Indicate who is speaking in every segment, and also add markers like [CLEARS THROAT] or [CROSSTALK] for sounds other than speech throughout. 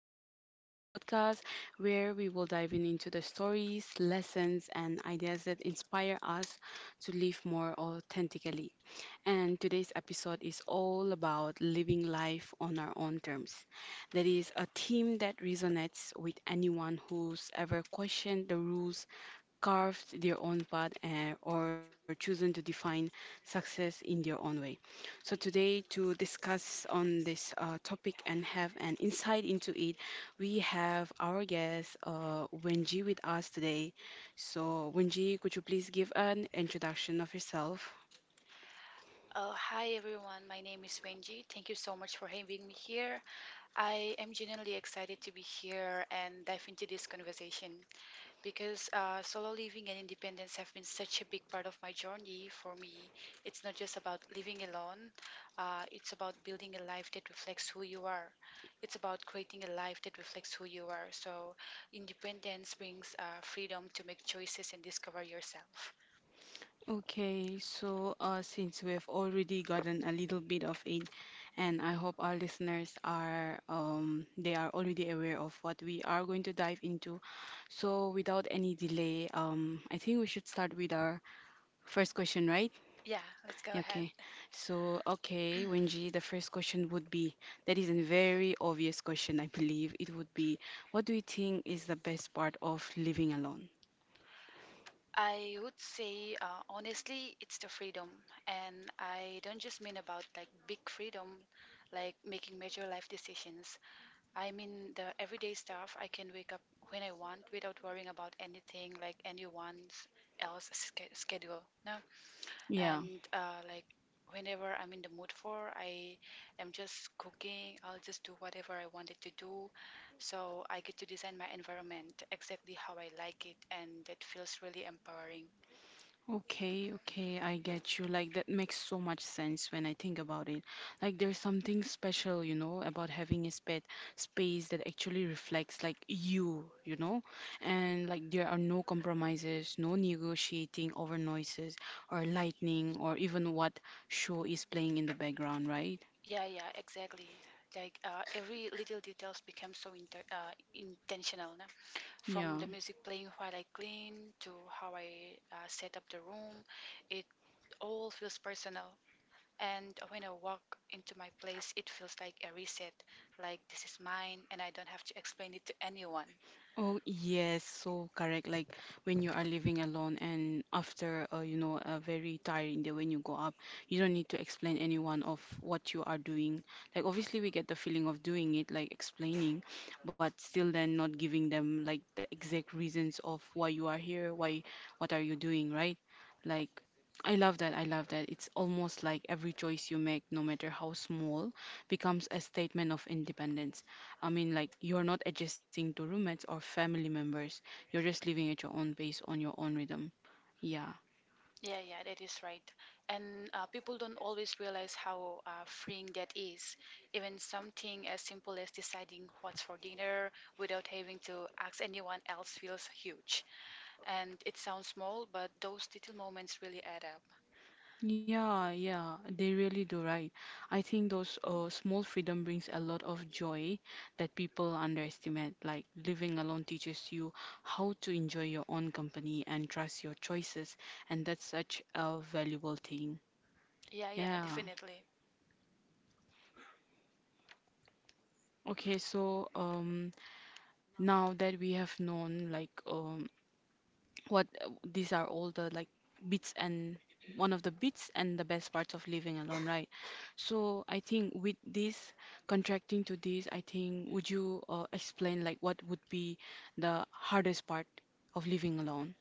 Speaker 1: back to our podcast, where we will dive in into the stories, lessons, and ideas that inspire us to live more authentically. And today's episode is all about living life on our own terms. That is a theme that resonates with anyone who's ever questioned the rules carved their own path or chosen to define success in their own way. So today to discuss on this topic and have an insight into it, we have our guest Wenji with us today. So Wenji, could you please give an introduction of yourself?
Speaker 2: Hi everyone, my name is Wenji. Thank you so much for having me here. I am genuinely excited to be here and dive into this conversation because solo living and independence have been such a big part of my journey for me. It's not just about living alone, it's about building a life that reflects who you are. It's about creating a life that reflects who you are. So, independence brings freedom to make choices and discover yourself.
Speaker 1: Okay, so since we've already gotten a little bit of it, and I hope our listeners are they are already aware of what we are going to dive into. So without any delay, I think we should start with our first question, right?
Speaker 2: Yeah, let's go
Speaker 1: Yeah.
Speaker 2: ahead.
Speaker 1: Okay. So okay, Wenji, the first question would be that is a very obvious question, I believe. It would be, what do you think is the best part of living alone?
Speaker 2: I would say, honestly, it's the freedom. And I don't just mean about like big freedom, like making major life decisions. I mean the everyday stuff. I can wake up when I want without worrying about anything like anyone else schedule. No,
Speaker 1: Yeah.
Speaker 2: and like whenever I'm in the mood for, I am just cooking. I'll just do whatever I wanted to do. So I get to design my environment exactly how I like it, and that feels really empowering.
Speaker 1: Okay, okay, I get you. Like, that makes so much sense when I think about it. Like, there's something special, you know, about having a space that actually reflects, like, you know? And, like, there are no compromises, no negotiating over noises or lightning or even what show is playing in the background, right?
Speaker 2: Yeah, yeah, exactly. Like every little details becomes so inter intentional. No? From
Speaker 1: Yeah.
Speaker 2: the music playing while I clean to how I set up the room, it all feels personal. And when I walk into my place, it feels like a reset. Like this is mine, and I don't have to explain it to anyone.
Speaker 1: Oh, yes, so correct. Like when you are living alone and after, you know, a very tiring day when you go up, you don't need to explain anyone of what you are doing. Like obviously we get the feeling of doing it, like explaining, but still then not giving them like the exact reasons of why you are here, why, what are you doing, right? Like I love that. I love that. It's almost like every choice you make, no matter how small, becomes a statement of independence. I mean, like you're not adjusting to roommates or family members. You're just living at your own pace on your own rhythm. Yeah.
Speaker 2: Yeah, yeah, that is right. And people don't always realize how freeing that is. Even something as simple as deciding what's for dinner without having to ask anyone else feels huge. And it sounds small, but those little moments really add up.
Speaker 1: Yeah, yeah, they really do right. I think those small freedom brings a lot of joy that people underestimate. Like living alone teaches you how to enjoy your own company and trust your choices, and that's such a valuable thing.
Speaker 2: Yeah, yeah,
Speaker 1: Yeah.
Speaker 2: definitely.
Speaker 1: Okay, so now that we have known like what these are all the like bits and one of the bits and the best parts of living alone, right? So I think with this contracting to this, I think would you explain like what would be the hardest part of living alone?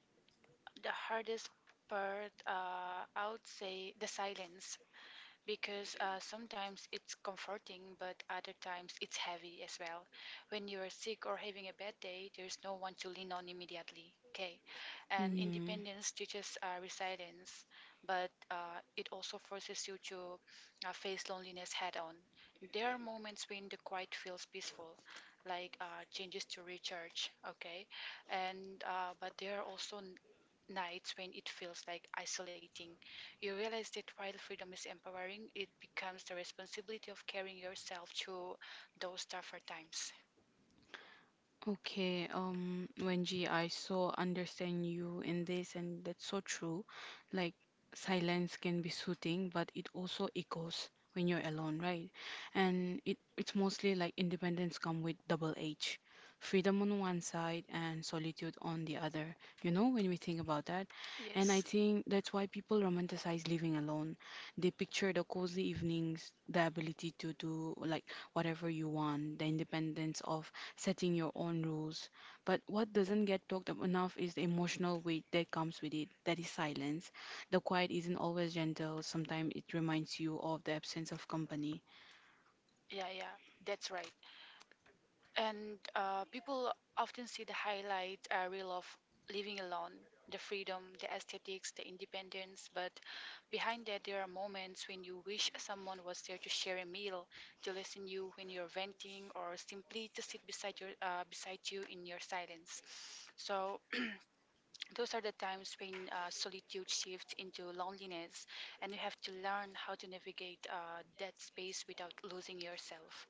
Speaker 2: The hardest part, I would say, the silence. Because sometimes it's comforting, but other times it's heavy as well. When you are sick or having a bad day, there's no one to lean on immediately. Okay, and
Speaker 1: Mm.
Speaker 2: independence teaches resilience, but it also forces you to face loneliness head on. There are moments when the quiet feels peaceful, like changes to recharge. Okay, and but there are also nights when it feels like isolating. You realize that while freedom is empowering, it becomes the responsibility of carrying yourself through those tougher times.
Speaker 1: Okay, Wenji, I so understand you in this, and that's so true. Like, silence can be soothing, but it also echoes when you're alone, right? And it's mostly like independence come with double edge, freedom on one side and solitude on the other. You know, when we think about that, and I
Speaker 2: Yes.
Speaker 1: think that's why people romanticize living alone. They picture the cozy evenings, the ability to do like whatever you want, the independence of setting your own rules. But what doesn't get talked up enough is the emotional weight that comes with it that is silence. The quiet isn't always gentle, sometimes it reminds you of the absence of company.
Speaker 2: Yeah, yeah. That's right. And people often see the highlight reel of living alone, the freedom, the aesthetics, the independence. But behind that, there are moments when you wish someone was there to share a meal, to listen you when you're venting, or simply to sit beside you in your silence. So those are the times when solitude shifts into loneliness, and you have to learn how to navigate that space without losing yourself.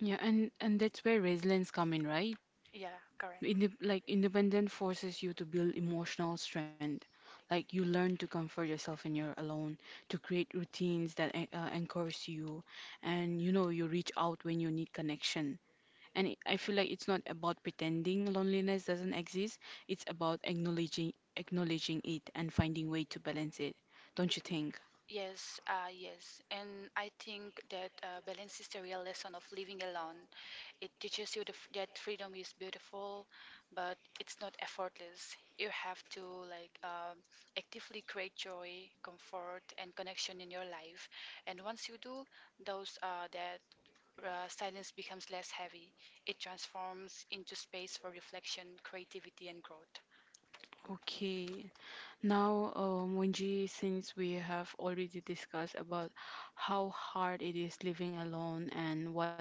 Speaker 1: Yeah, and that's where resilience come in, right?
Speaker 2: Yeah, correct.
Speaker 1: Like independent forces you to build emotional strength. Like you learn to comfort yourself when you're alone, to create routines that encourage you, and you know you reach out when you need connection. And I feel like it's not about pretending loneliness doesn't exist. It's about acknowledging it and finding way to balance it. Don't you think?
Speaker 2: Yes, yes. And I think that balance is the real lesson of living alone. It teaches you that freedom is beautiful, but it's not effortless. You have to like actively create joy, comfort, and connection in your life. And once you do, those that silence becomes less heavy. It transforms into space for reflection, creativity, and growth.
Speaker 1: Okay. Now, Wenji, since we have already discussed about how hard it is living alone and what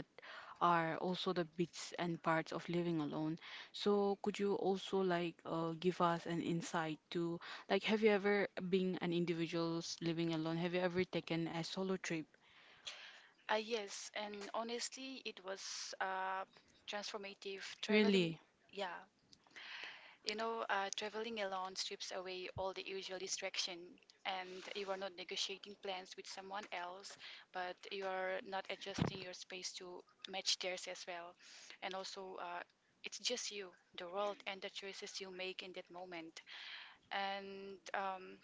Speaker 1: are also the bits and parts of living alone, so could you also like give us an insight to like have you ever been an individual living alone? Have you ever taken a solo trip?
Speaker 2: Yes, and honestly, it was transformative. Traveling,
Speaker 1: Really?
Speaker 2: yeah, traveling alone strips away all the usual distraction, and you are not negotiating plans with someone else, but you are not adjusting your space to match theirs as well. And also, it's just you, the world, and the choices you make in that moment. And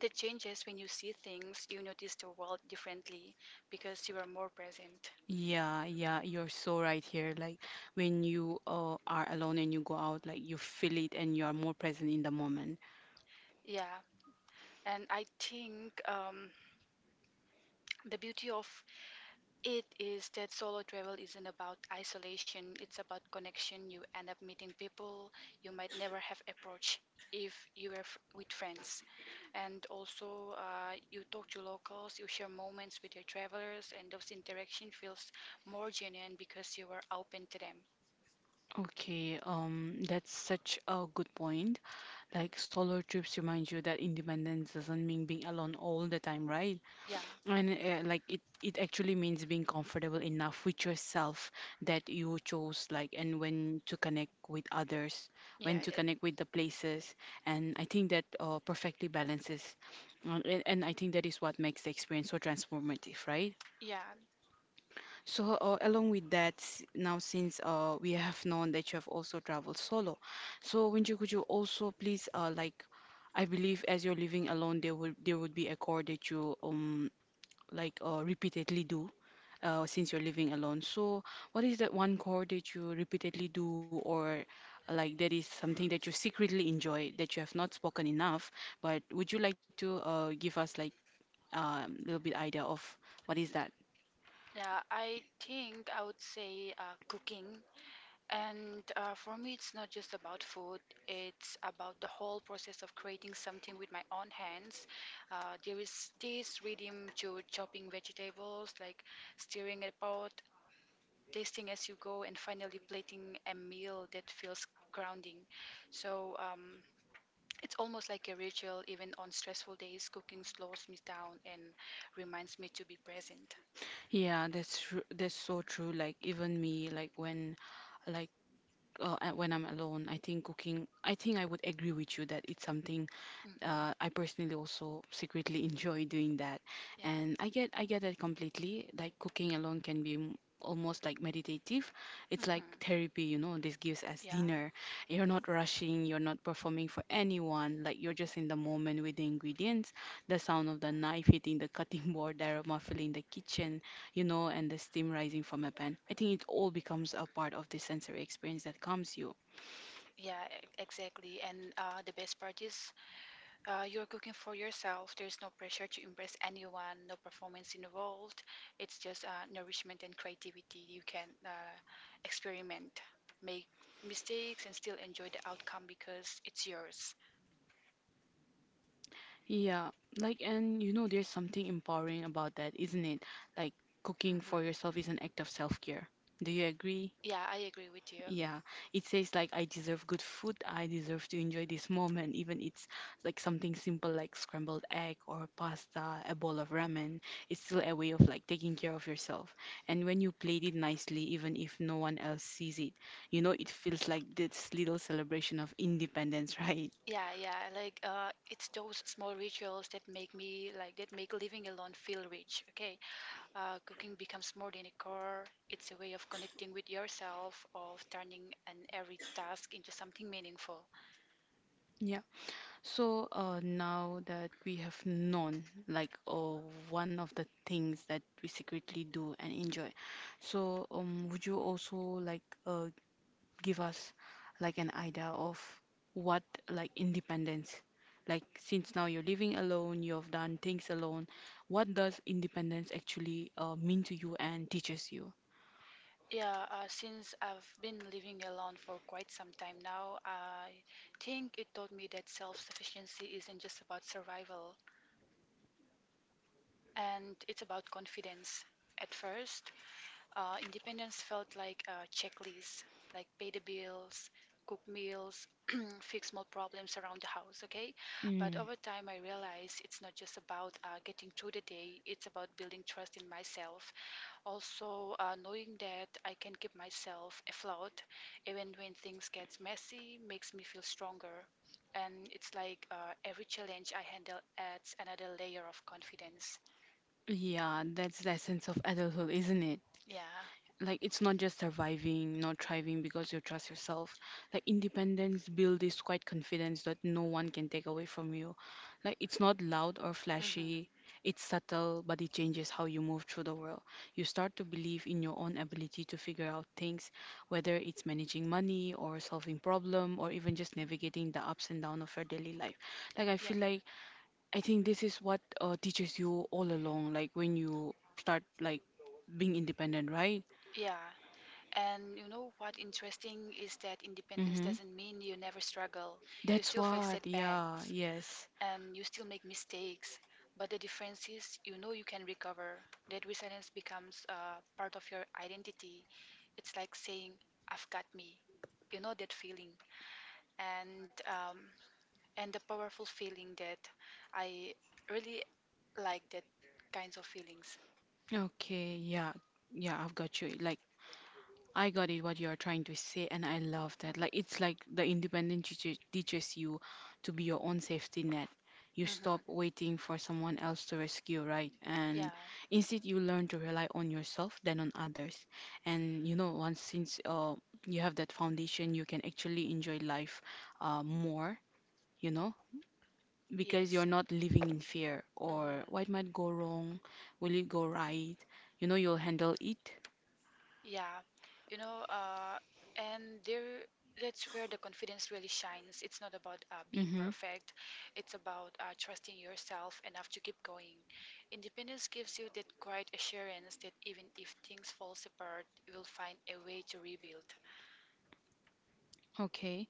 Speaker 2: that changes when you see things, you notice the world differently because you are more present.
Speaker 1: Yeah, yeah, you're so right here. Like when you are alone and you go out, like you feel it and you are more present in the moment.
Speaker 2: Yeah, and I think the beauty of it is that solo travel isn't about isolation, it's about connection. You end up meeting people you might never have approached if you were with friends. And also, you talk to locals, you share moments with your travelers, and those interaction feels more genuine because you were open to them.
Speaker 1: Okay, that's such a good point. Like solo trips remind you that independence doesn't mean being alone all the time, right?
Speaker 2: Yeah,
Speaker 1: And like it actually means being comfortable enough with yourself that you chose, like, and when to connect with others, when
Speaker 2: yeah,
Speaker 1: to connect with the places. And I think that perfectly balances. And I think that is what makes the experience so transformative, right?
Speaker 2: yeah,
Speaker 1: So, along with that, now since we have known that you have also traveled solo, so Winju, could you also please, like, I believe as you're living alone, there would be a core that you like repeatedly do since you're living alone. So, what is that one chore that you repeatedly do, or like that is something that you secretly enjoy that you have not spoken enough? But would you like to give us like a little bit idea of what is that?
Speaker 2: yeah. I think I would say cooking. And for me, it's not just about food, it's about the whole process of creating something with my own hands. There is this rhythm to chopping vegetables, like stirring a pot, tasting as you go, and finally plating a meal that feels grounding. So it's almost like a ritual, even on stressful days, cooking slows me down and reminds me to be present.
Speaker 1: Yeah, that's true. That's so true. Like even me, like when I'm alone, I think cooking. I think I would agree with you that it's something
Speaker 2: Hmm.
Speaker 1: I personally also secretly [LAUGHS] enjoy doing that,
Speaker 2: Yeah.
Speaker 1: and I get it completely. Like cooking alone can be almost like meditative. It's like
Speaker 2: Hmm.
Speaker 1: therapy, you know. This gives us
Speaker 2: Yeah,
Speaker 1: dinner. You're not rushing. You're not performing for anyone. Like you're just in the moment with the ingredients, the sound of the knife hitting the [LAUGHS] cutting board, the aroma filling the kitchen, you know, and the steam rising from a pan. I think it all becomes a part of the sensory experience that comes you.
Speaker 2: yeah, exactly. And the best part is you're cooking for yourself. There's no pressure to impress anyone, no performance involved. It's just nourishment and creativity. You can experiment, make mistakes, and still enjoy the outcome because it's yours.
Speaker 1: Yeah, like, and you know, there's something empowering about that, isn't it? Like, cooking for
Speaker 2: Hmm.
Speaker 1: yourself is an act of self-care. Do you agree?
Speaker 2: Yeah, I agree with you.
Speaker 1: Yeah. It says, like, I deserve good food. I deserve to enjoy this moment, even it's like something simple like scrambled egg or pasta, a bowl of ramen. It's still a way of like taking care of yourself. And when you plate it nicely, even if no one else sees it, you know, it feels like this little celebration of independence, [LAUGHS] right?
Speaker 2: Yeah, yeah, like it's those small rituals that make me like that make living alone feel rich. Okay. Cooking becomes more than a chore. It's a way of connecting with yourself, of turning an every task into something meaningful.
Speaker 1: Yeah. So now that we have known like one of the things that we secretly do and enjoy, so would you also like give us like an idea of what like independence, like since now you're living alone, you've done things alone, what does independence actually mean to you and teaches you?
Speaker 2: Yeah, since I've been living alone for quite some time now, I think it taught me that self sufficiency isn't just about survival, and it's about confidence. At first, independence felt like a checklist, like pay the bills, cook meals, [CLEARS THROAT] fix small problems around the house, okay? But
Speaker 1: Mm.
Speaker 2: over time, I realized it's not just about getting through the day, it's about building trust in myself. Also, knowing that I can keep myself afloat even when things get messy makes me feel stronger. And it's like every challenge I handle adds another layer of confidence.
Speaker 1: Yeah, that's the essence of adulthood, isn't it?
Speaker 2: Yeah.
Speaker 1: Like, it's not just surviving, not thriving because you trust yourself. Like, independence builds this quiet confidence that no one can take away from you. Like, it's not loud or
Speaker 2: Hmm.
Speaker 1: flashy, it's subtle, but it changes how you move through the world. You start to believe in your own ability to figure out things, whether it's managing money or solving problem or even just navigating the ups and downs of your daily life. Like, I feel like I think this is what teaches you all along, like when you start like being independent, right?
Speaker 2: Yeah. Yeah. And you know what interesting is that independence
Speaker 1: Mm-hmm.
Speaker 2: doesn't mean you never struggle. You
Speaker 1: That's
Speaker 2: still face
Speaker 1: what, yeah,
Speaker 2: setbacks
Speaker 1: yes.
Speaker 2: and you still make mistakes. But the difference is you know you can recover. That resilience becomes part of your identity. It's like saying, I've got me. You know that feeling. And um, and the powerful feeling that I really like that kinds of feelings.
Speaker 1: Okay, yeah, yeah, I've got you. Like I got it what you are trying to say, and I love that. Like it's like the independent teacher teaches you to be your own safety net. You stop
Speaker 2: Hmm.
Speaker 1: waiting for someone else to rescue, right?
Speaker 2: Yeah.
Speaker 1: And instead, you learn to rely on yourself than on others. And you know, once since you have that foundation, you can actually enjoy life more. You know, because
Speaker 2: Yes.
Speaker 1: you're not living in fear
Speaker 2: Hmm.
Speaker 1: or what might go wrong, will it go right? You know, you'll handle it.
Speaker 2: Yeah. You know, uh, and there, that's where the confidence really shines. It's not about being
Speaker 1: Mm-hmm.
Speaker 2: perfect. It's about trusting yourself enough to keep going. Independence gives you that quiet assurance that even if things fall apart, you will find a way to rebuild.
Speaker 1: Okay.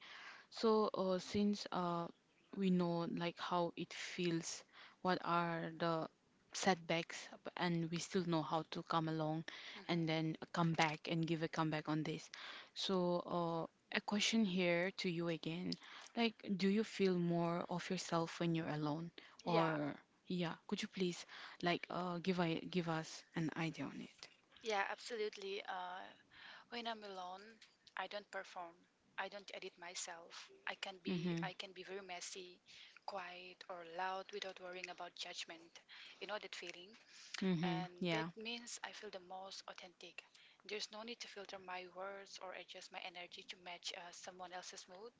Speaker 1: So, since we know like how it feels, what are the setbacks, and we still know how to come along and
Speaker 2: Hmm.
Speaker 1: then come back and give a comeback on this. So, a question here to you again, like, do you feel more of yourself when you're alone,
Speaker 2: Yeah,
Speaker 1: or yeah, could you please like give I give us an idea on it?
Speaker 2: yeah, absolutely. When I'm alone, I don't perform. I don't edit myself. I can be
Speaker 1: Mm-hmm.
Speaker 2: I can be very messy, quiet or loud without worrying about judgment. You know that feeling?
Speaker 1: Mm-hmm.
Speaker 2: And that
Speaker 1: Yeah.
Speaker 2: means I feel the most authentic. There's no need to filter my words or adjust my energy to match someone else's mood.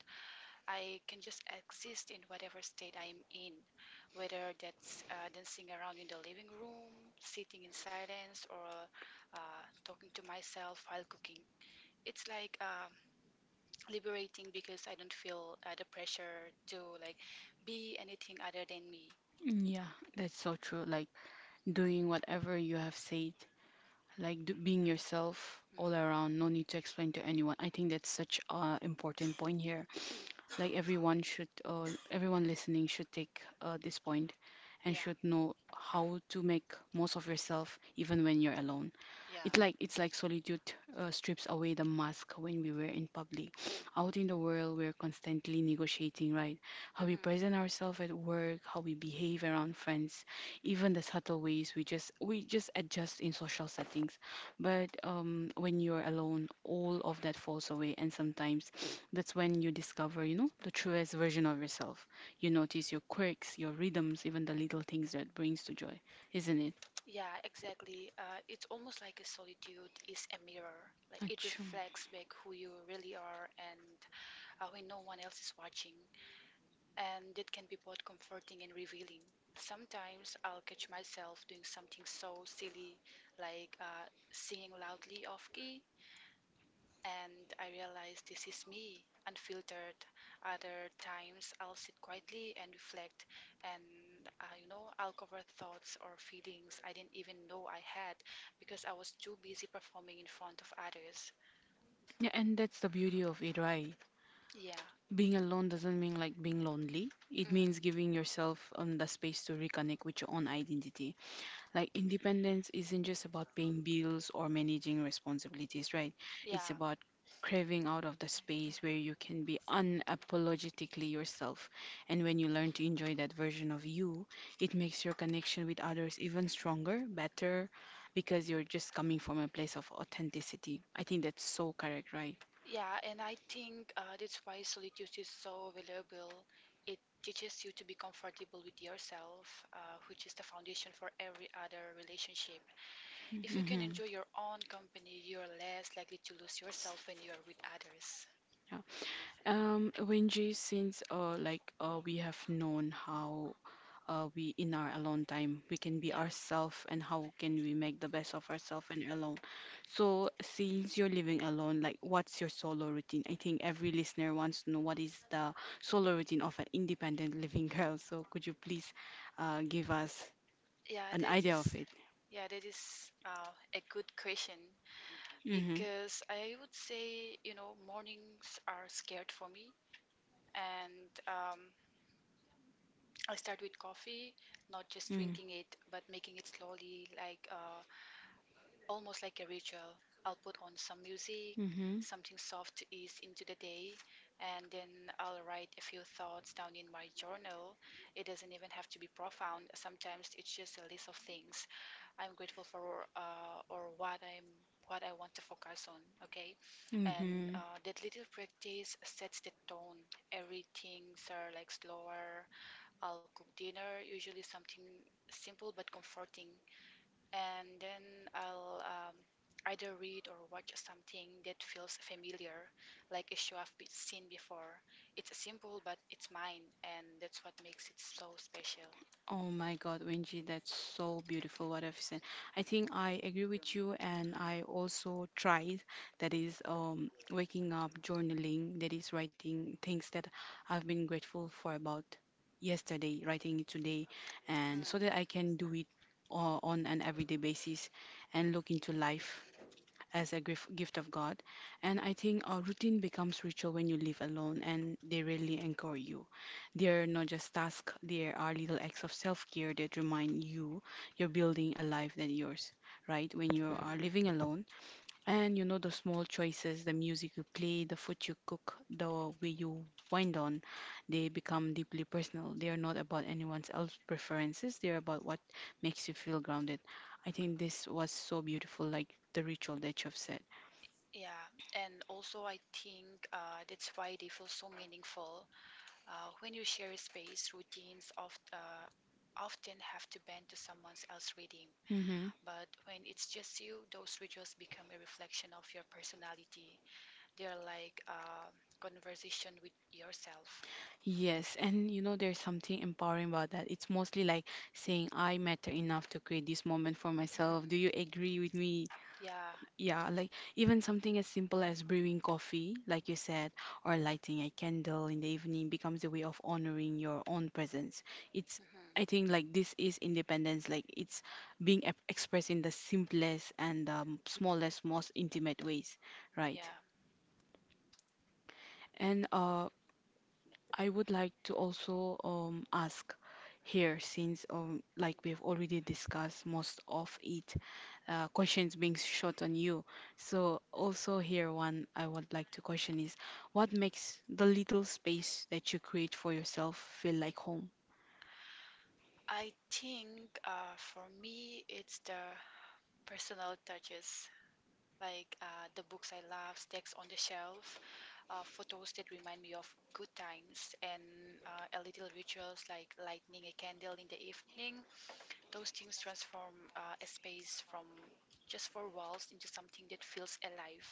Speaker 2: I can just exist in whatever state I'm in, whether that's dancing around in the living room, sitting in silence, or talking to myself while cooking. It's like liberating because I don't feel the pressure to like be anything other than me.
Speaker 1: Yeah, that's so true. Like doing whatever you have said like do, being yourself all around,
Speaker 2: Hmm.
Speaker 1: no need to explain to anyone. I think that's such a important point here. Like everyone should everyone listening should take this point and
Speaker 2: Yeah,
Speaker 1: should know how to make most of yourself even when you're alone.
Speaker 2: yeah.
Speaker 1: it's
Speaker 2: Like,
Speaker 1: like it's like solitude strips away the mask when we were in public. [SNIFFS] Out in the world, we're constantly negotiating, right? How we
Speaker 2: hmm
Speaker 1: present ourselves at work, how we behave around friends, even the subtle ways we just adjust in social settings. But when you're alone, all of that falls away, and sometimes [SNIFFS] that's when you discover, the truest version of yourself. You notice your quirks, your rhythms, even the little things that brings to joy, isn't it?
Speaker 2: yeah, exactly. It's almost like a solitude is a mirror. Like it
Speaker 1: Achoo.
Speaker 2: reflects back who you really are and when no one else is watching. And it can be both comforting and revealing. Sometimes I'll catch myself doing something so silly, like singing loudly off key, and I realize this is me, unfiltered. Other times I'll sit quietly and reflect, and I'll cover thoughts or feelings I didn't even know I had because I was too busy performing in front of others.
Speaker 1: Yeah, and that's the beauty of it, right?
Speaker 2: Yeah,
Speaker 1: Being alone doesn't mean like being lonely. It
Speaker 2: mm,
Speaker 1: means giving yourself the space to reconnect with your own identity. Like independence isn't just about paying bills or managing responsibilities, right? It's
Speaker 2: yeah,
Speaker 1: about craving out of the space where you can be unapologetically yourself. And when you learn to enjoy that version of you, it makes your connection with others even stronger, better, because you're just coming from a place of authenticity. I think that's so correct, right?
Speaker 2: yeah, and I think that's why solitude is so valuable. It teaches you to be comfortable with yourself, which is the foundation for every other relationship. If you can
Speaker 1: Mhm.
Speaker 2: enjoy your own company, you are less likely to lose yourself when you are with others.
Speaker 1: Yeah. Wenji, since like we have known how we in our alone time we can be
Speaker 2: Yeah,
Speaker 1: ourselves and how can we make the best of ourselves and alone. So since you're living alone, like what's your solo routine? I think every listener wants to know what is the solo routine of an independent [LAUGHS] living girl. So could you please give us
Speaker 2: yeah,
Speaker 1: an
Speaker 2: that
Speaker 1: idea of
Speaker 2: is,
Speaker 1: it?
Speaker 2: yeah, that is a good question
Speaker 1: Mm-hmm.
Speaker 2: because I would say, mornings are scared for me, and I start with coffee, not just
Speaker 1: Mm.
Speaker 2: drinking it, but making it slowly, like almost like a ritual. I'll put on some music,
Speaker 1: Mm-hmm.
Speaker 2: something soft to ease into the day, and then I'll write a few thoughts down in my journal. It doesn't even have to be profound. Sometimes it's just a list of things I'm grateful for or what I want to focus on. Okay, and
Speaker 1: Mm-hmm.
Speaker 2: that little practice sets the tone. Everything's are like slower. I'll cook dinner, usually something simple but comforting, and then I'll either read or watch something that feels familiar, like a show I've seen before. It's simple, but it's mine, and that's what makes it so special.
Speaker 1: Oh my God, Wenji, that's so beautiful what I've said. I think I agree with you, and I also tried that is waking up, journaling, that is writing things that I've been grateful for about yesterday, writing it today, and so
Speaker 2: Hmm.
Speaker 1: that I can do it on an everyday basis and look into life as a gift of God. And I think our routine becomes ritual when you live alone and they really anchor you. They're not just tasks, they are little acts of self care that remind you you're building a life that yours, right? When you are
Speaker 2: Mhm.
Speaker 1: living alone, and you know, the small choices, the music you play, the food you cook, the way you wind on, they become deeply personal. They are not about anyone else's preferences, they're about what makes you feel grounded. I think this was so beautiful, like the ritual that you've said.
Speaker 2: Yeah, and also I think that's why they feel so meaningful. When you share a space, routines of, often have to bend to someone else's rhythm.
Speaker 1: Mm-hmm.
Speaker 2: But when it's just you, those rituals become a reflection of your personality. They're like a conversation with yourself.
Speaker 1: Yes, and you know, there's something empowering about that. It's mostly like saying, I matter enough to create this moment for
Speaker 2: Mhm.
Speaker 1: myself. Do you agree with me?
Speaker 2: Yeah.
Speaker 1: Yeah, like even something as simple as brewing coffee, like you said, or lighting a candle in the evening becomes a way of honoring your own presence. It's,
Speaker 2: Mhm.
Speaker 1: I think, like this is independence, like it's being expressed in the simplest and smallest, most intimate ways, right?
Speaker 2: Yeah,
Speaker 1: And I would like to also ask here, since like we've already discussed most of it, questions being shot on you. So also here one I would like to question is what makes the little space that you create for yourself feel like home?
Speaker 2: I think for me it's the personal touches. Like the books I love, stacks on the shelf, photos that remind me of good times, and a little rituals like lighting a candle in the evening. Those things transform a space from just four walls into something that feels alive.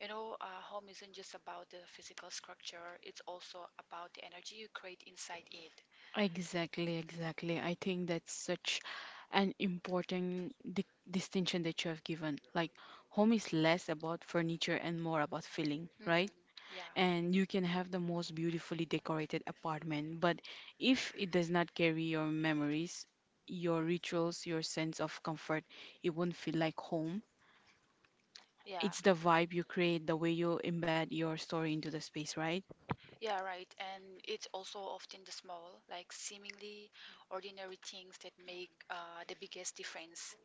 Speaker 2: You know, home isn't just about the physical structure; it's also about the energy you create inside it.
Speaker 1: Exactly, exactly. I think that's such an important di distinction that you have given. Like, home is less about furniture and more about feeling,
Speaker 2: Hmm.
Speaker 1: right?
Speaker 2: Yeah,
Speaker 1: And you can have the most beautifully decorated apartment, but if it does not carry your memories, your rituals, your sense of comfort, it won't feel like home.
Speaker 2: yeah.
Speaker 1: It's the vibe you create, the way you embed your story into the space, right?
Speaker 2: Yeah, right. And it's also often the small, like seemingly ordinary things that make the biggest difference.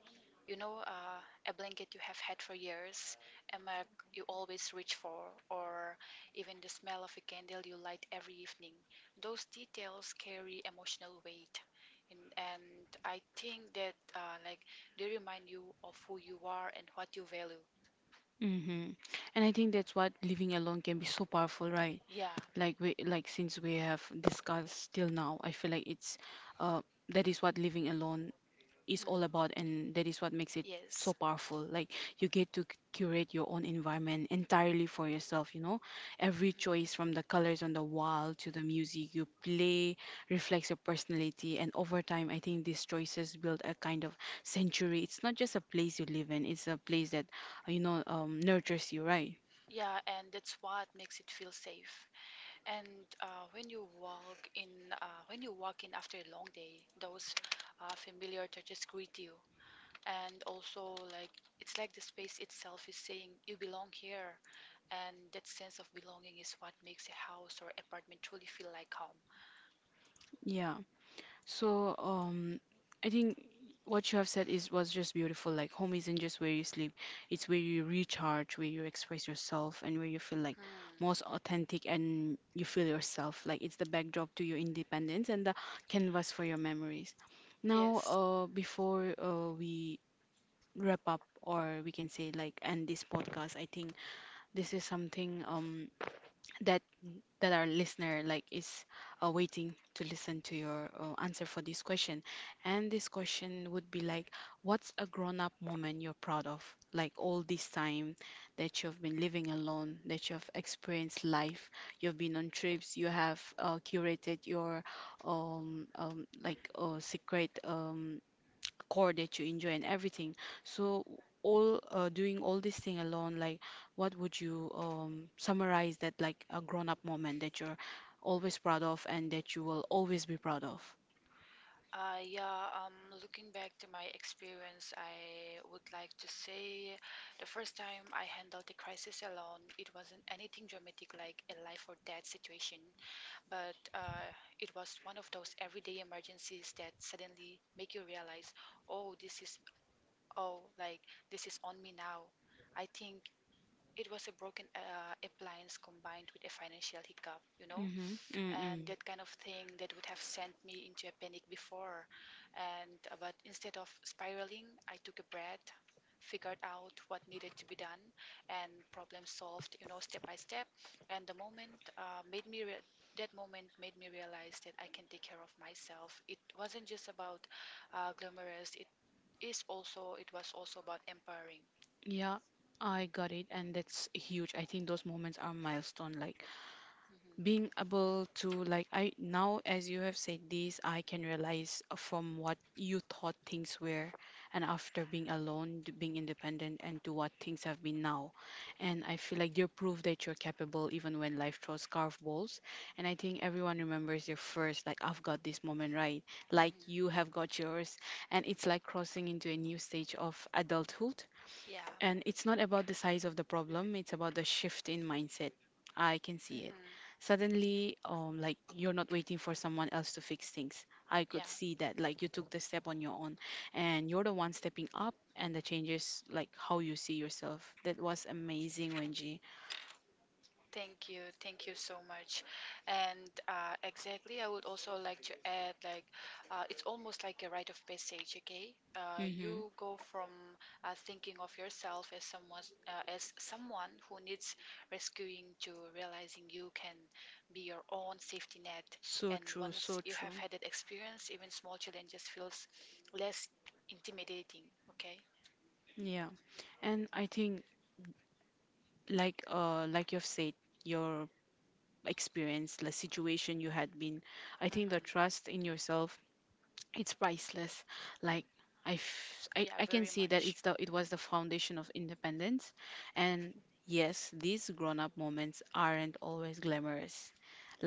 Speaker 2: You know, a blanket you have had for years, a mug you always reach for, or even the smell of a candle you light every evening. Those details carry emotional weight. And I think that like they remind you of who you are and what you value.
Speaker 1: Mm-hmm. And I think that's what living alone can be so powerful, right?
Speaker 2: Yeah.
Speaker 1: Like since we have discussed till now, I feel like it's uh that is what living alone is
Speaker 2: Mhm.
Speaker 1: all about, and that is what makes it so
Speaker 2: Yes.
Speaker 1: powerful. Like you get to curate your own environment entirely for yourself, you know. Every
Speaker 2: Mhm.
Speaker 1: choice from the colors on the wall to the music you play reflects your personality, and over time, I think these choices build a kind of sanctuary. It's not just a place you live in, it's a place that, you know, nurtures you, right?
Speaker 2: Yeah, and that's what makes it feel safe. And when you walk in, when you walk in after a long day, those familiar touches greet you. And also, like it's like the space itself is saying you belong here. And that sense of belonging is what makes a house or apartment truly feel like home.
Speaker 1: Yeah. So, um, I think what you have said is was just beautiful. Like home isn't just where you sleep, it's where you recharge, where you express yourself, and where you feel like
Speaker 2: Hmm.
Speaker 1: most authentic and you feel yourself. Like it's the backdrop to your independence and the canvas for your memories. Now,
Speaker 2: Yes.
Speaker 1: before we wrap up, or we can say like end this podcast, I think this is something um that that our listener like is waiting to listen to your answer for this question and this question would be like what's a grown-up moment you're proud of, like all this time that you've been living alone, that you've experienced life, you've been on trips, you have curated your secret core that you enjoy and everything. So all doing all this thing alone, like what would you summarize that like a grown-up moment that you're always proud of and that you will always be proud of?
Speaker 2: Yeah, um, looking back to my experience, I would like to say the first time I handled a crisis alone. It wasn't anything dramatic like a life or death situation, but it was one of those everyday emergencies that suddenly make you realize, oh, this is oh, like this is on me now. I think it was a broken appliance combined with a financial hiccup, you know?
Speaker 1: Mm-hmm.
Speaker 2: And
Speaker 1: Mm-mm.
Speaker 2: that kind of thing that would have sent me into a panic before and but instead of spiraling, I took a breath, figured out what needed to be done, and problem solved, you know, step by step. And the moment made me re- that moment made me realize that I can take care of myself. It wasn't just about glamorous, it was also about empowering.
Speaker 1: Yeah, I got it, and that's huge. I think those moments are milestone. Like
Speaker 2: Mhm.
Speaker 1: being
Speaker 2: Mhm.
Speaker 1: able to like I now, as you have said this, I can realize from what you thought things were and after being alone to being independent and to what things have been now, and I feel like you're proof that you're capable even when life throws curveballs, and I think everyone remembers your first like I've got this moment, right? Like you have got yours, and it's like crossing into a new stage of adulthood,
Speaker 2: Yeah.
Speaker 1: and it's not about the size of the problem, it's about the shift in mindset. I can see it.
Speaker 2: Mhm.
Speaker 1: Suddenly, like you're not waiting for someone else to fix things. I could
Speaker 2: Yeah.
Speaker 1: see that. Like you took the step on your own and you're the one stepping up and the changes like how you see yourself. That was amazing, Wenji.
Speaker 2: Thank you so much. And exactly, I would also like to add, like, it's almost like a rite of passage, okay?
Speaker 1: Mm-hmm.
Speaker 2: You go from thinking of yourself as someone who needs rescuing to realizing you can be your own safety net.
Speaker 1: So
Speaker 2: And
Speaker 1: true,
Speaker 2: once
Speaker 1: so
Speaker 2: you have
Speaker 1: true.
Speaker 2: had that experience, even small challenges feels less intimidating, okay?
Speaker 1: Yeah. And I think like you've said, your experience, the situation you had been, I think the
Speaker 2: Hmm.
Speaker 1: trust in yourself it's priceless. Like I, f- I,
Speaker 2: Yeah,
Speaker 1: I can
Speaker 2: very
Speaker 1: see that
Speaker 2: much.
Speaker 1: it's the it was the foundation of independence. And yes, these grown-up moments aren't always glamorous.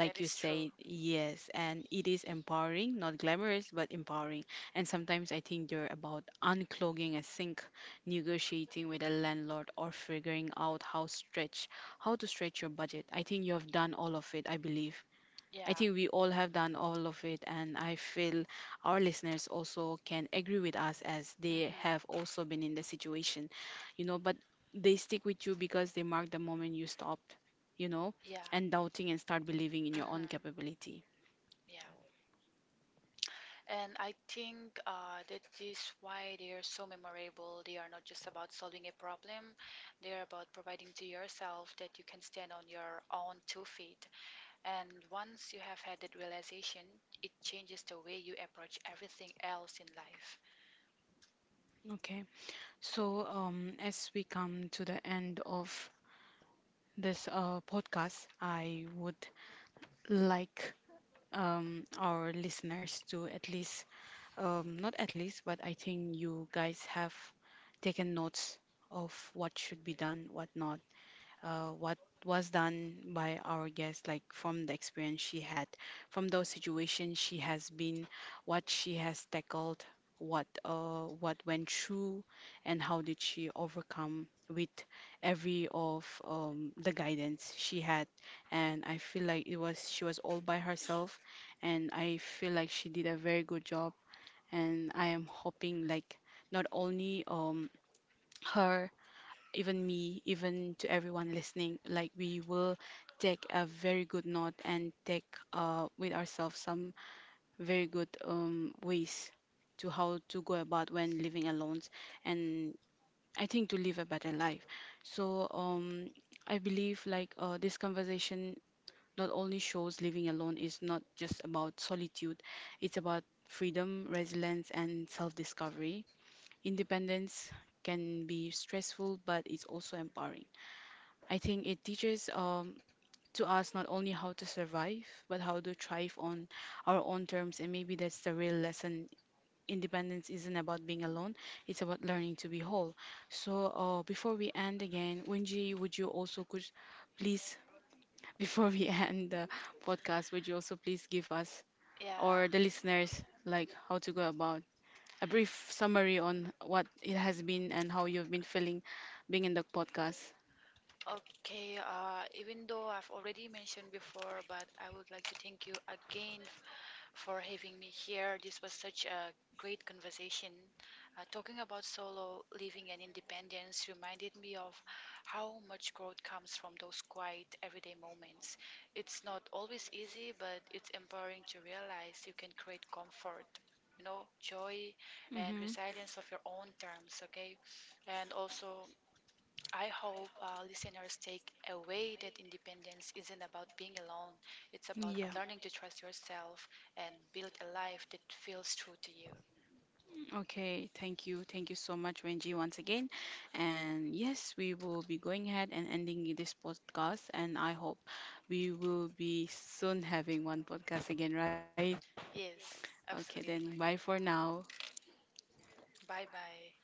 Speaker 2: That
Speaker 1: you
Speaker 2: is true.
Speaker 1: say, yes, and it is empowering, not glamorous, but empowering. And sometimes I think they're about unclogging a sink, negotiating with a landlord, or figuring out how to stretch your budget. I think you have done all of it, I believe. I
Speaker 2: Yeah.
Speaker 1: think we all have done all of it, and I feel our listeners also can agree with us as they
Speaker 2: Mhm.
Speaker 1: have also been in the situation, you know. But they stick with you because they mark the moment you stopped, you know,
Speaker 2: Yeah.
Speaker 1: and doubting and start believing in your own
Speaker 2: Mm-hmm.
Speaker 1: capability.
Speaker 2: Yeah. And I think that is why they are so memorable. They are not just about solving a problem, they are about providing to yourself that you can stand on your own two feet. And once you have had that realization, it changes the way you approach everything else in life.
Speaker 1: Okay, so as we come to the end of this podcast, I would like our listeners to at least not at least, but I think you guys have taken notes of what should be done, what not, what was done by our guest, like from the experience she had, from those situations she has been, what she has tackled, what went through, and how did she overcome with every of the guidance she had. And I feel like it was she was all by herself, and I feel like she did a very good job, and I am hoping like not only her, even me, even to everyone listening, like we will take a very good note and take with ourselves some very good ways to how to go about when living alone, and I think to live a better life. So um I believe like this conversation not only shows living alone is not just about solitude, it's about freedom, resilience, and self discovery. Independence can be stressful, but it's also empowering. I think it teaches to us not only how to survive, but how to thrive on our own terms. And maybe that's the real lesson. Independence isn't about being alone, it's about learning to be whole. So, before we end again, Wenji, would you also could please, [LAUGHS] before we end the podcast, would you also please give us
Speaker 2: Yeah.
Speaker 1: or the listeners like how to go about a brief summary on what it has been and how you've been feeling being in the podcast.
Speaker 2: Okay, even though I've already mentioned before, but I would like to thank you again for having me here. This was such a great conversation. Talking about solo living and independence reminded me of how much growth comes from those quiet everyday moments. It's not always easy, but it's empowering to realize you can create comfort, you know, joy and
Speaker 1: Mm-hmm.
Speaker 2: resilience of your own terms, okay? And also, I hope listeners take away that independence isn't about being alone. It's about
Speaker 1: Yeah.
Speaker 2: learning to trust yourself and build a life that feels true to you.
Speaker 1: Okay, thank you. Thank you so much, Wenji, once again. And yes, we will be going ahead and ending this podcast. And I hope we will be soon having one podcast again, right?
Speaker 2: Yes,
Speaker 1: Okay,
Speaker 2: absolutely.
Speaker 1: then bye for now.
Speaker 2: Bye bye.